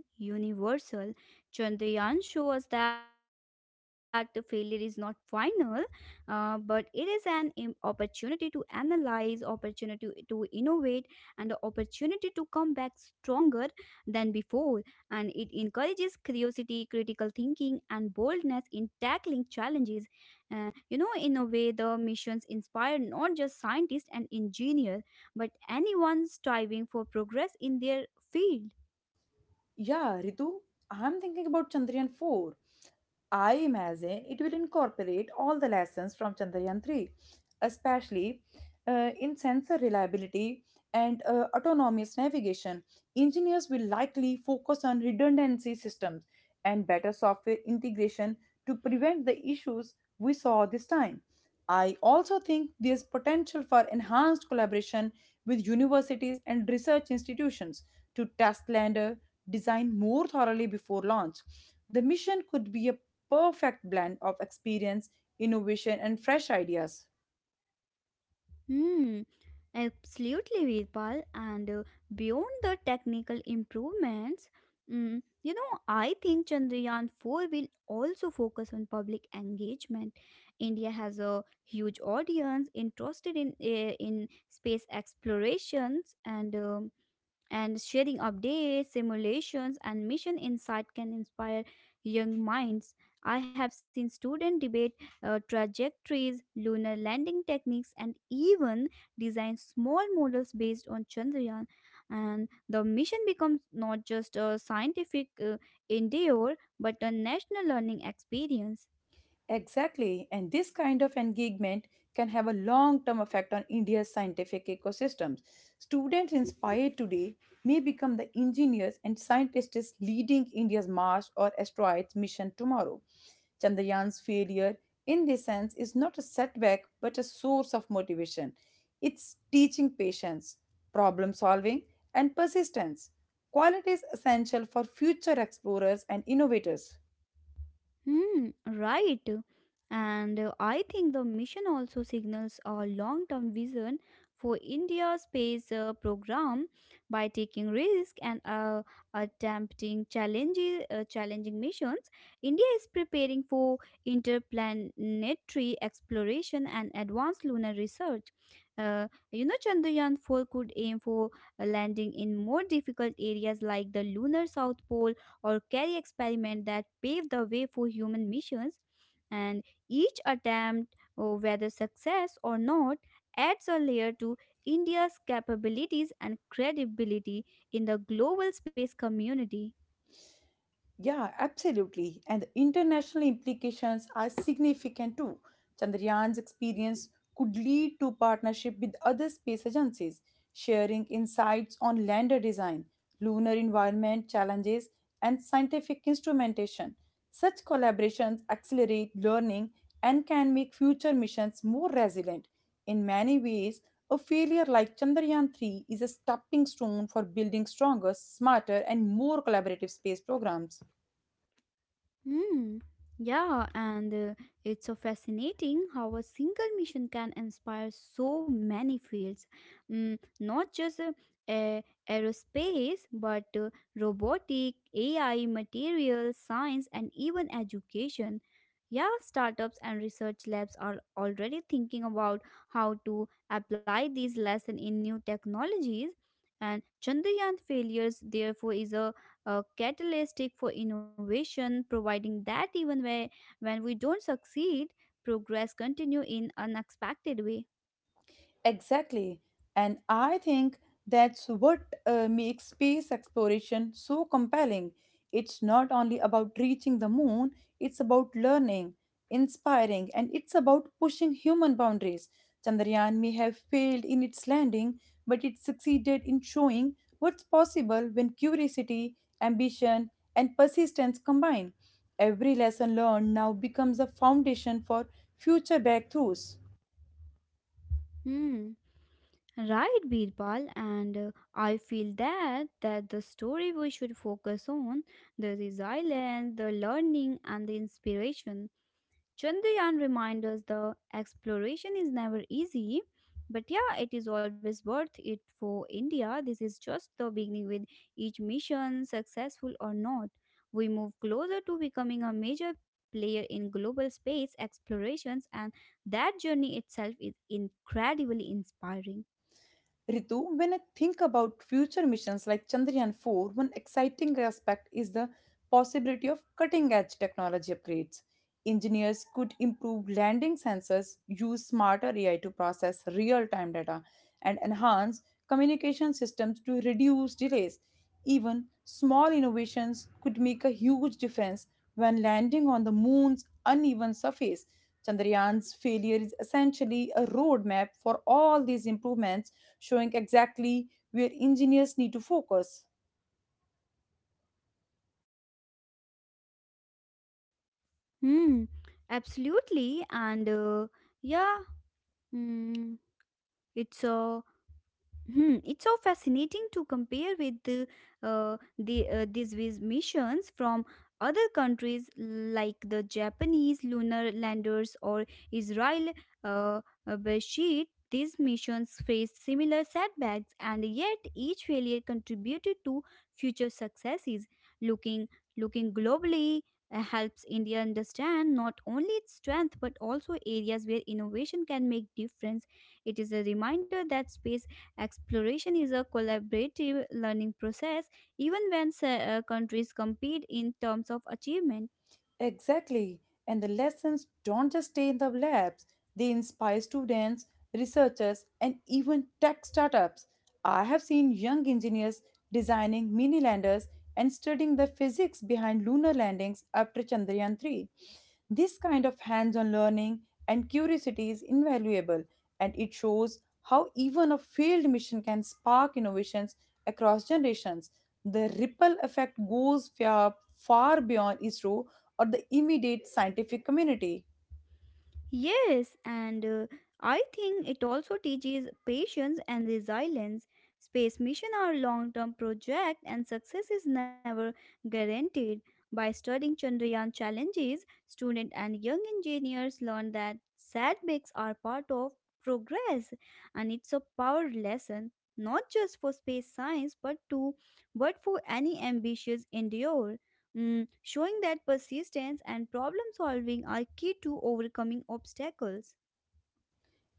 B: was that the failure is not final, but it is an opportunity to analyze, opportunity to innovate, and the opportunity to come back stronger than before. And it encourages curiosity, critical thinking, and boldness in tackling challenges. You know, in a way, the missions inspire not just scientists and engineers, but anyone striving for progress in their field.
A: Yeah, Ritu, I'm thinking about Chandrayaan 4 I imagine it will incorporate all the lessons from Chandrayaan 3, especially in sensor reliability and autonomous navigation. Engineers will likely focus on redundancy systems and better software integration to prevent the issues we saw this time. I also think there's potential for enhanced collaboration with universities and research institutions to test lander design more thoroughly before launch. The mission could be a perfect blend of experience, innovation, and fresh ideas.
B: Hmm, absolutely, Virpal. And beyond the technical improvements, mm, you know, I think Chandrayaan 4 will also focus on public engagement. India has a huge audience interested in space explorations, and um, and sharing updates, simulations, and mission insight can inspire young minds. I have seen students debate trajectories, lunar landing techniques, and even design small models based on Chandrayaan. And the mission becomes not just a scientific endeavor but a national learning experience.
A: Exactly, and this kind of engagement can have a long term effect on India's scientific ecosystems. Students inspired today may become the engineers and scientists leading India's Mars or asteroids mission tomorrow. Chandrayaan's failure, in this sense, is not a setback but a source of motivation. It's teaching patience, problem solving, and persistence. Qualities essential for future explorers and innovators.
B: Hmm, right. And I think the mission also signals a long term vision for India's space program by taking risks and attempting challenging missions. India is preparing for interplanetary exploration and advanced lunar research. You know, Chandrayaan 4 could aim for landing in more difficult areas like the lunar South Pole or carry experiments that paved the way for human missions, and each attempt, whether success or not, adds a layer to india's capabilities and credibility in the global space community.
A: Yeah, absolutely. And the international implications are significant too. Chandrayaan's experience could lead to partnership with other space agencies, sharing insights on lander design, lunar environment challenges, and scientific instrumentation. Such collaborations accelerate learning and can make future missions more resilient. In many ways, a failure like Chandrayaan 3 is a stepping stone for building stronger, smarter, and more collaborative space programs.
B: Hmm. Yeah, and it's so fascinating how a single mission can inspire so many fields. Mm, not just a- aerospace, but robotic, AI, materials, science, and even education. Yeah, startups and research labs are already thinking about how to apply these lessons in new technologies. And Chandrayaan failures, therefore, is a catalytic for innovation, providing that even when we don't succeed, progress continue in unexpected way.
A: Exactly. And I think that's what makes space exploration so compelling. It's not only about reaching the moon, it's about learning, inspiring, and it's about pushing human boundaries. Chandrayaan may have failed in its landing, but it succeeded in showing what's possible when curiosity, ambition, and persistence combine. Every lesson learned now becomes a foundation for future breakthroughs.
B: Hmm. Right, Birbal, and I feel that the story we should focus on the resilience, the learning, and the inspiration. Chandrayaan reminds us the exploration is never easy, but yeah, it is always worth it for India. This is just the beginning with each mission, successful or not. We move closer to becoming a major player in global space explorations, and that journey itself is incredibly inspiring.
A: Ritu, when I think about future missions like Chandrayaan 4, one exciting aspect is the possibility of cutting edge technology upgrades. Engineers could improve landing sensors, use smarter AI to process real time data, and enhance communication systems to reduce delays. Even small innovations could make a huge difference when landing on the moon's uneven surface. Chandrayaan's failure is essentially a roadmap for all these improvements, showing exactly where engineers need to focus.
B: Hmm, absolutely, and yeah, mm, it's a Hmm, it's so fascinating to compare with these with missions from other countries like the Japanese lunar landers or Israel uh, Beresheet. These missions faced similar setbacks, and yet each failure contributed to future successes. Looking looking globally helps India understand not only its strength but also areas where innovation can make difference. It is a reminder that space exploration is a collaborative learning process, even when countries compete in terms of achievement.
A: Exactly. And the lessons don't just stay in the labs, they inspire students, researchers, and even tech startups. I have seen young engineers designing mini landers and studying the physics behind lunar landings after Chandrayaan 3. This kind of hands on learning and curiosity is invaluable, and it shows how even a failed mission can spark innovations across generations. The ripple effect goes far, far beyond ISRO or the immediate scientific community.
B: Yes, and I think it also teaches patience and resilience. Space missions are long-term project and success is never guaranteed. By studying Chandrayaan challenges, students and young engineers learn that setbacks are part of progress and it's a power lesson not just for space science but for any ambitious endeavor. Mm, showing that persistence and problem solving are key to overcoming obstacles.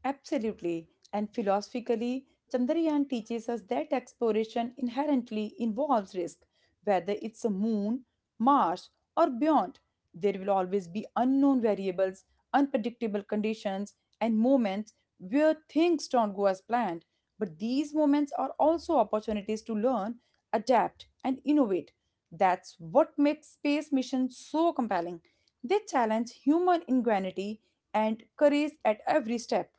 A: Absolutely. And philosophically, Chandrayaan teaches us that exploration inherently involves risk. Whether it's a moon, Mars, or beyond, there will always be unknown variables, unpredictable conditions, and moments where things don't go as planned. But these moments are also opportunities to learn, adapt, and innovate. That's what makes space missions so compelling. They challenge human ingenuity and courage at every step.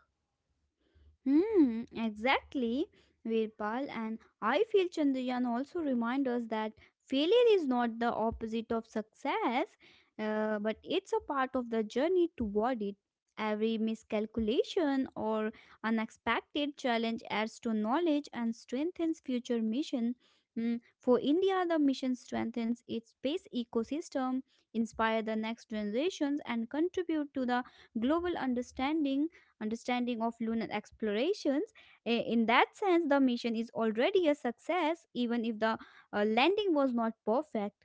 B: Hmm, exactly, Virpal. And I feel Chandrayaan also reminds us that failure is not the opposite of success, but it's a part of the journey toward it. Every miscalculation or unexpected challenge adds to knowledge and strengthens future mission. Hmm, for India, the mission strengthens its space ecosystem, inspire the next generations, and contribute to the global understanding of lunar explorations. In that sense, the mission is already a success, even if the landing was not perfect.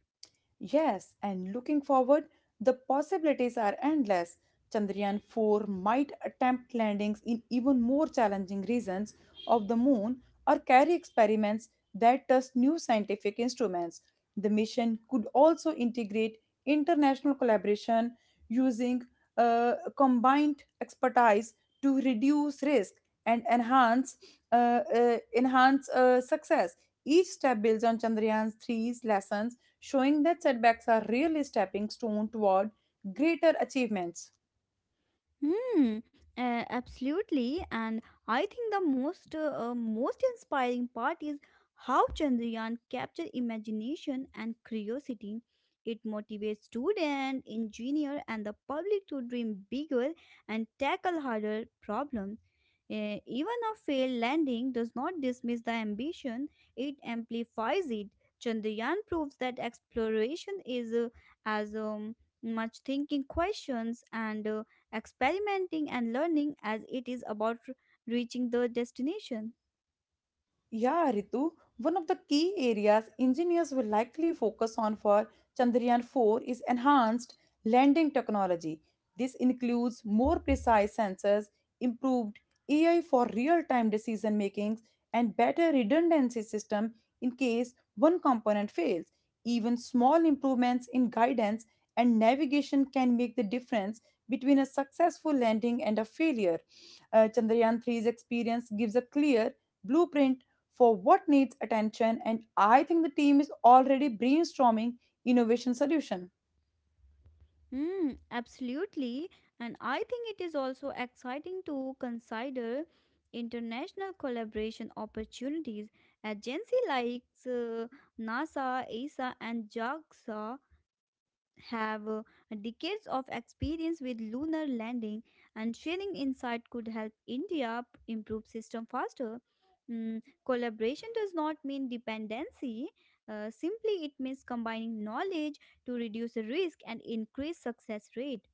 A: Yes, and looking forward, the possibilities are endless. Chandrayaan 4 might attempt landings in even more challenging regions of the moon or carry experiments that test new scientific instruments. The mission could also integrate international collaboration using combined expertise to reduce risk and enhance success. Each step builds on Chandrayaan three's lessons showing that setbacks are really stepping stone toward greater achievements.
B: Hmm, absolutely. And I think the most inspiring part is how Chandrayaan captured imagination and curiosity. It motivates students, engineers, and the public to dream bigger and tackle harder problems. Even a failed landing does not dismiss the ambition; it amplifies it. Chandrayaan proves that exploration is as much thinking questions and experimenting and learning as it is about reaching the destination.
A: Yeah, Ritu, one of the key areas engineers will likely focus on for Chandrayaan 4 is enhanced landing technology. This includes more precise sensors, improved AI for real-time decision making, and better redundancy system in case one component fails. Even small improvements in guidance and navigation can make the difference between a successful landing and a failure. Chandrayaan three's experience gives a clear blueprint for what needs attention, and I think the team is already brainstorming innovation solution.
B: Hmm, absolutely. And I think it is also exciting to consider international collaboration opportunities. Agency like uh, NASA, ESA, and JAXA have decades of experience with lunar landing and sharing insight could help India improve system faster. Mm, collaboration does not mean dependency. Simply, it means combining knowledge to reduce risk and increase success rate.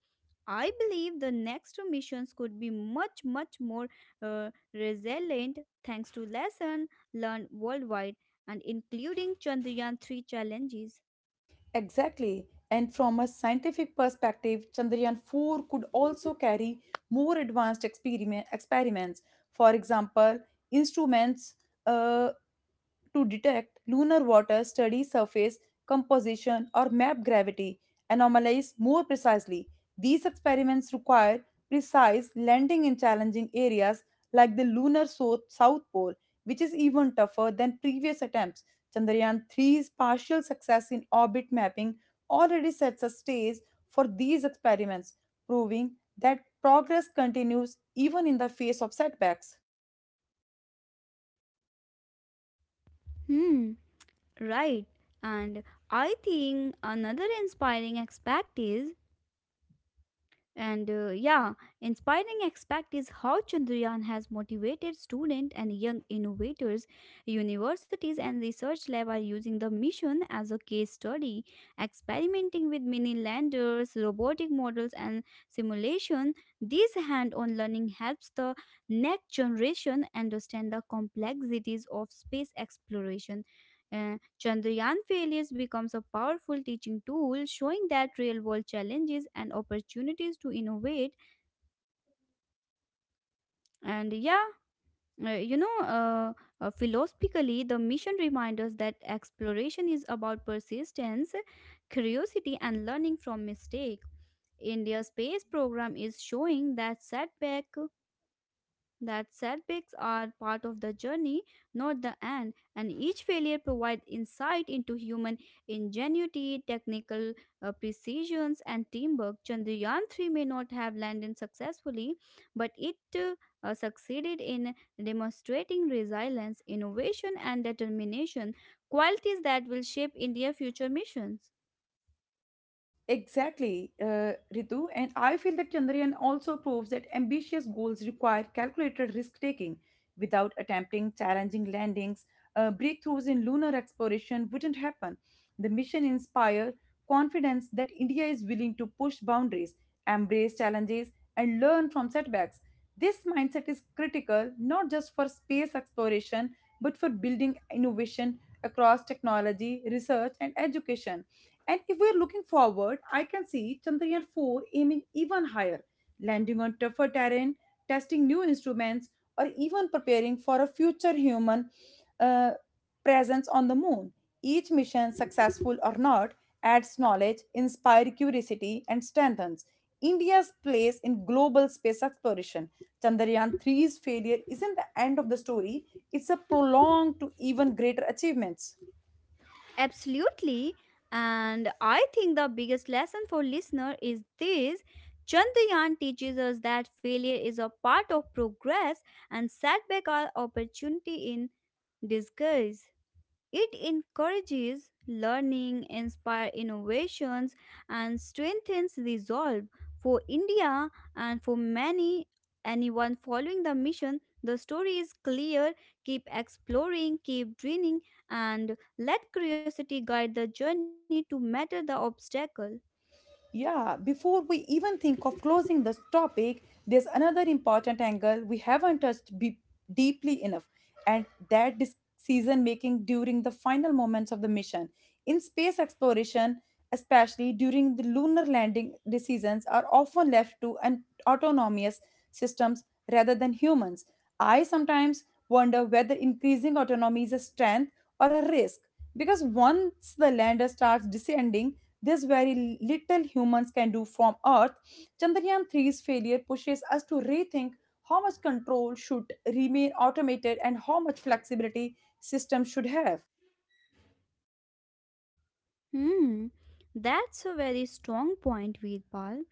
B: I believe the next missions could be much, much more resilient thanks to lesson learned worldwide and including Chandrayaan 3 challenges.
A: Exactly, and from a scientific perspective, chandrayaan 4 could also carry more advanced experiments, for example instruments uh, to detect lunar water, study surface composition, or map gravity anomalies more precisely. These experiments require precise landing in challenging areas like the lunar south pole, which is even tougher than previous attempts. Chandrayaan 3's partial success in orbit mapping already sets a stage for these experiments, proving that progress continues even in the face of setbacks.
B: Hmm. Right. And I think another inspiring aspect is, and yeah, inspiring aspect is how Chandrayaan has motivated students and young innovators. Universities and research lab are using the mission as a case study, experimenting with mini landers, robotic models, and simulation. This hand-on learning helps the next generation understand the complexities of space exploration. Uh, Chandrayaan failures becomes a powerful teaching tool, showing that real world challenges and opportunities to innovate. And yeah, uh, you know, uh, philosophically, the mission reminds us that exploration is about persistence, curiosity, and learning from mistake. India's space program is showing that setbacks are part of the journey, not the end, and each failure provides insight into human ingenuity, technical precisions, and teamwork. Chandrayaan 3 may not have landed successfully, but it succeeded in demonstrating resilience, innovation, and determination, qualities that will shape India's future missions.
A: Exactly, Ritu. And I feel that Chandrayaan also proves that ambitious goals require calculated risk taking. Without attempting challenging landings, breakthroughs in lunar exploration wouldn't happen. The mission inspired confidence that India is willing to push boundaries, embrace challenges, and learn from setbacks. This mindset is critical not just for space exploration but for building innovation across technology, research, and education. And if we're looking forward, I can see Chandrayaan 4 aiming even higher, landing on tougher terrain, testing new instruments, or even preparing for a future human uh, presence on the moon. Each mission, successful or not, adds knowledge, inspires curiosity, and strengthens India's place in global space exploration. Chandrayaan 3's failure isn't the end of the story, it's a prologue to even greater achievements.
B: Absolutely. And I think the biggest lesson for listener is this: Chandrayaan teaches us that failure is a part of progress and setback are opportunity in disguise. It encourages learning, inspires innovations, and strengthens resolve. For India and for many anyone following the mission, the story is clear. Keep exploring, keep dreaming, and let curiosity guide the journey to matter the obstacle.
A: Yeah, before we even think of closing this topic, there's another important angle we haven't touched deeply enough, and that decision making during the final moments of the mission. In space exploration, especially during the lunar landing, decisions are often left to an autonomous systems rather than humans. I sometimes wonder whether increasing autonomy is a strength or a risk, because once the lander starts descending, this very little humans can do from Earth. Chandrayaan three's failure pushes us to rethink how much control should remain automated and how much flexibility systems should have.
B: Hmm, that's a very strong point, Veerpal.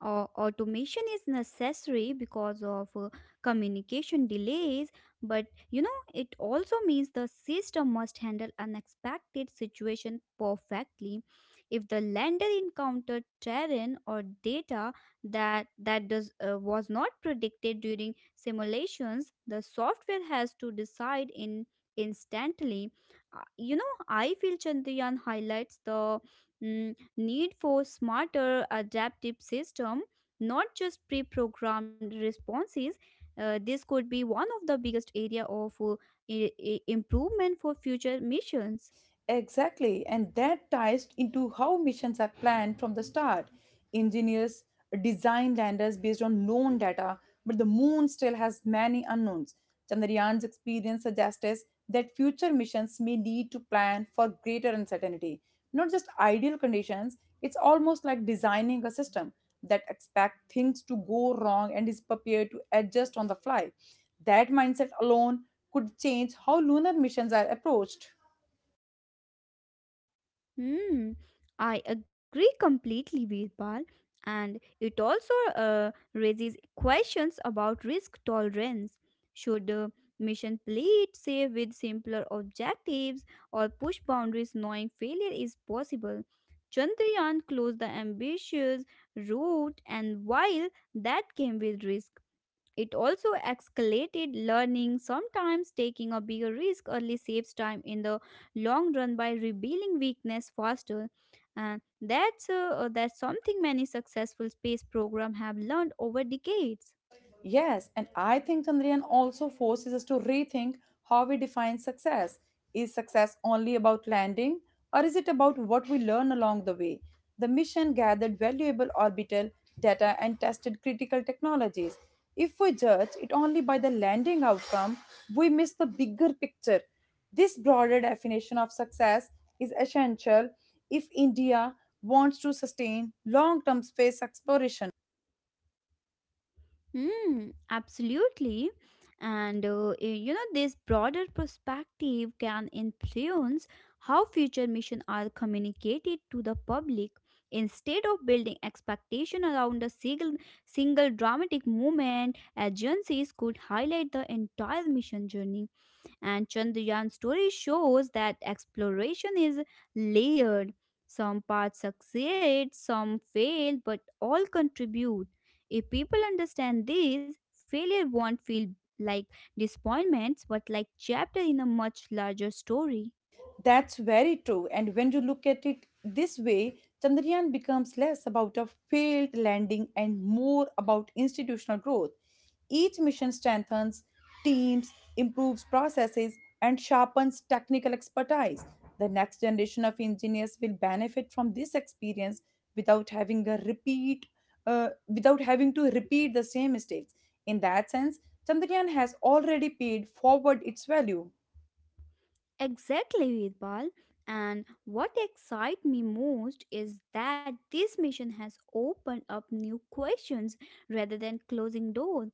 B: Automation is necessary because of communication delays, but you know it also means the system must handle unexpected situation perfectly. If the lander encountered terrain or data that that does was not predicted during simulations, the software has to decide in instantly. You know, I feel Chandrayaan highlights the need for smarter adaptive system, not just pre-programmed responses. This could be one of the biggest area of improvement for future missions.
A: Exactly, and that ties into how missions are planned from the start. Engineers design landers based on known data, but the moon still has many unknowns. Chandrayaan's experience suggests us that future missions may need to plan for greater uncertainty, not just ideal conditions. It's almost like designing a system that expects things to go wrong and is prepared to adjust on the fly. That mindset alone could change how lunar missions are approached.
B: Hmm, I agree completely, Veerpal. And it also raises questions about risk tolerance. Should the mission play it safe with simpler objectives or push boundaries knowing failure is possible? Chandrayaan closed the ambitious route, and while that came with risk, it also escalated learning, sometimes taking a bigger risk early saves time in the long run by revealing weakness faster. And that's something many successful space programs have learned over decades.
A: Yes, and I think Chandrayaan also forces us to rethink how we define success. Is success only about landing, or is it about what we learn along the way? The mission gathered valuable orbital data and tested critical technologies. If we judge it only by the landing outcome, we miss the bigger picture. This broader definition of success is essential if India wants to sustain long term space exploration.
B: Mm, absolutely. And you know, this broader perspective can influence how future missions are communicated to the public. Instead of building expectation around a single dramatic moment, agencies could highlight the entire mission journey and Chandrayaan's story shows that exploration is layered. Some parts succeed, some fail, but all contribute. If people understand this, failure won't feel like disappointments, but like chapter in a much larger story.
A: That's very true. And when you look at it this way, Chandrayaan becomes less about a failed landing and more about institutional growth. Each mission strengthens teams, improves processes, and sharpens technical expertise. The next generation of engineers will benefit from this experience without having a repeat, without having to repeat the same mistakes. In that sense, Chandrayaan has already paid forward its value.
B: Exactly, Vidpal. And what excites me most is that this mission has opened up new questions rather than closing doors.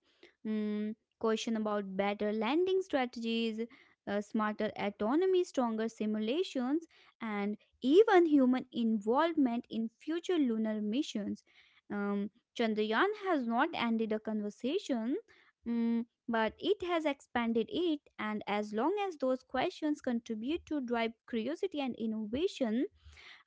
B: Mm, question about better landing strategies, smarter autonomy, stronger simulations, and even human involvement in future lunar missions. Um, Chandrayaan has not ended a conversation. Mm, but it has expanded it and as long as those questions contribute to drive curiosity and innovation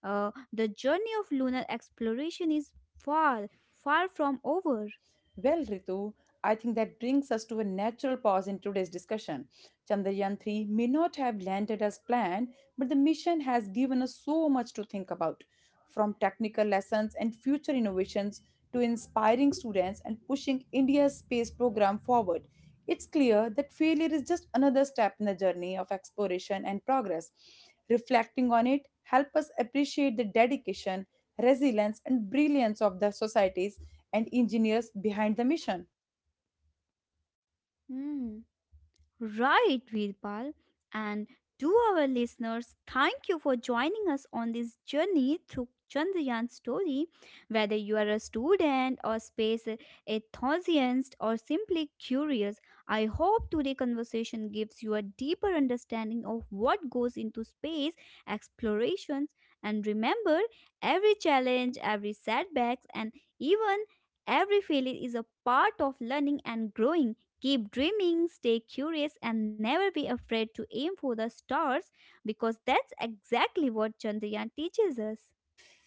B: the journey of lunar exploration is far, far from over.
A: Well, Ritu, I think that brings us to a natural pause in today's discussion. Chandrayaan 3 may not have landed as planned, but the mission has given us so much to think about, from technical lessons and future innovations to inspiring students and pushing India's space program forward. It's clear that failure is just another step in the journey of exploration and progress. Reflecting on it help us appreciate the dedication, resilience, and brilliance of the societies and engineers behind the mission.
B: Hmm. Right, Veerpal. And to our listeners, thank you for joining us on this journey through Chandrayan's story. Whether you are a student or space enthusiast or simply curious, I hope today's conversation gives you a deeper understanding of what goes into space explorations. And remember, every challenge, every setback, and even every failure is a part of learning and growing. Keep dreaming, stay curious, and never be afraid to aim for the stars because that's exactly what Chandrayaan teaches us.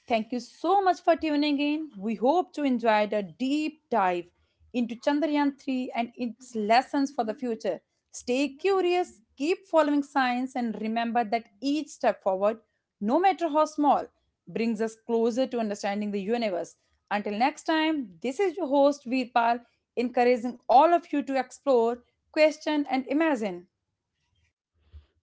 A: Thank you so much for tuning in. We hope to enjoy the deep dive into Chandrayaan 3 and its lessons for the future. Stay curious, keep following science, and remember that each step forward, no matter how small, brings us closer to understanding the universe. Until next time, this is your host Veerpal, encouraging all of you to explore, question, and imagine.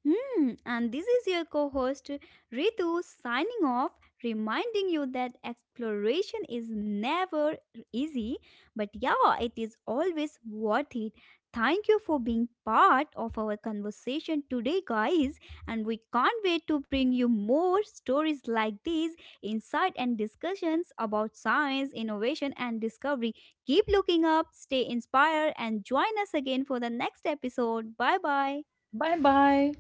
B: Hmm, and this is your co host Ritu signing off, reminding you that exploration is never easy, but yeah, it is always worth it. Thank you for being part of our conversation today, guys, and we can't wait to bring you more stories like these, insight and discussions about science, innovation, and discovery. Keep looking up, stay inspired, and join us again for the next episode. Bye bye.
A: Bye bye.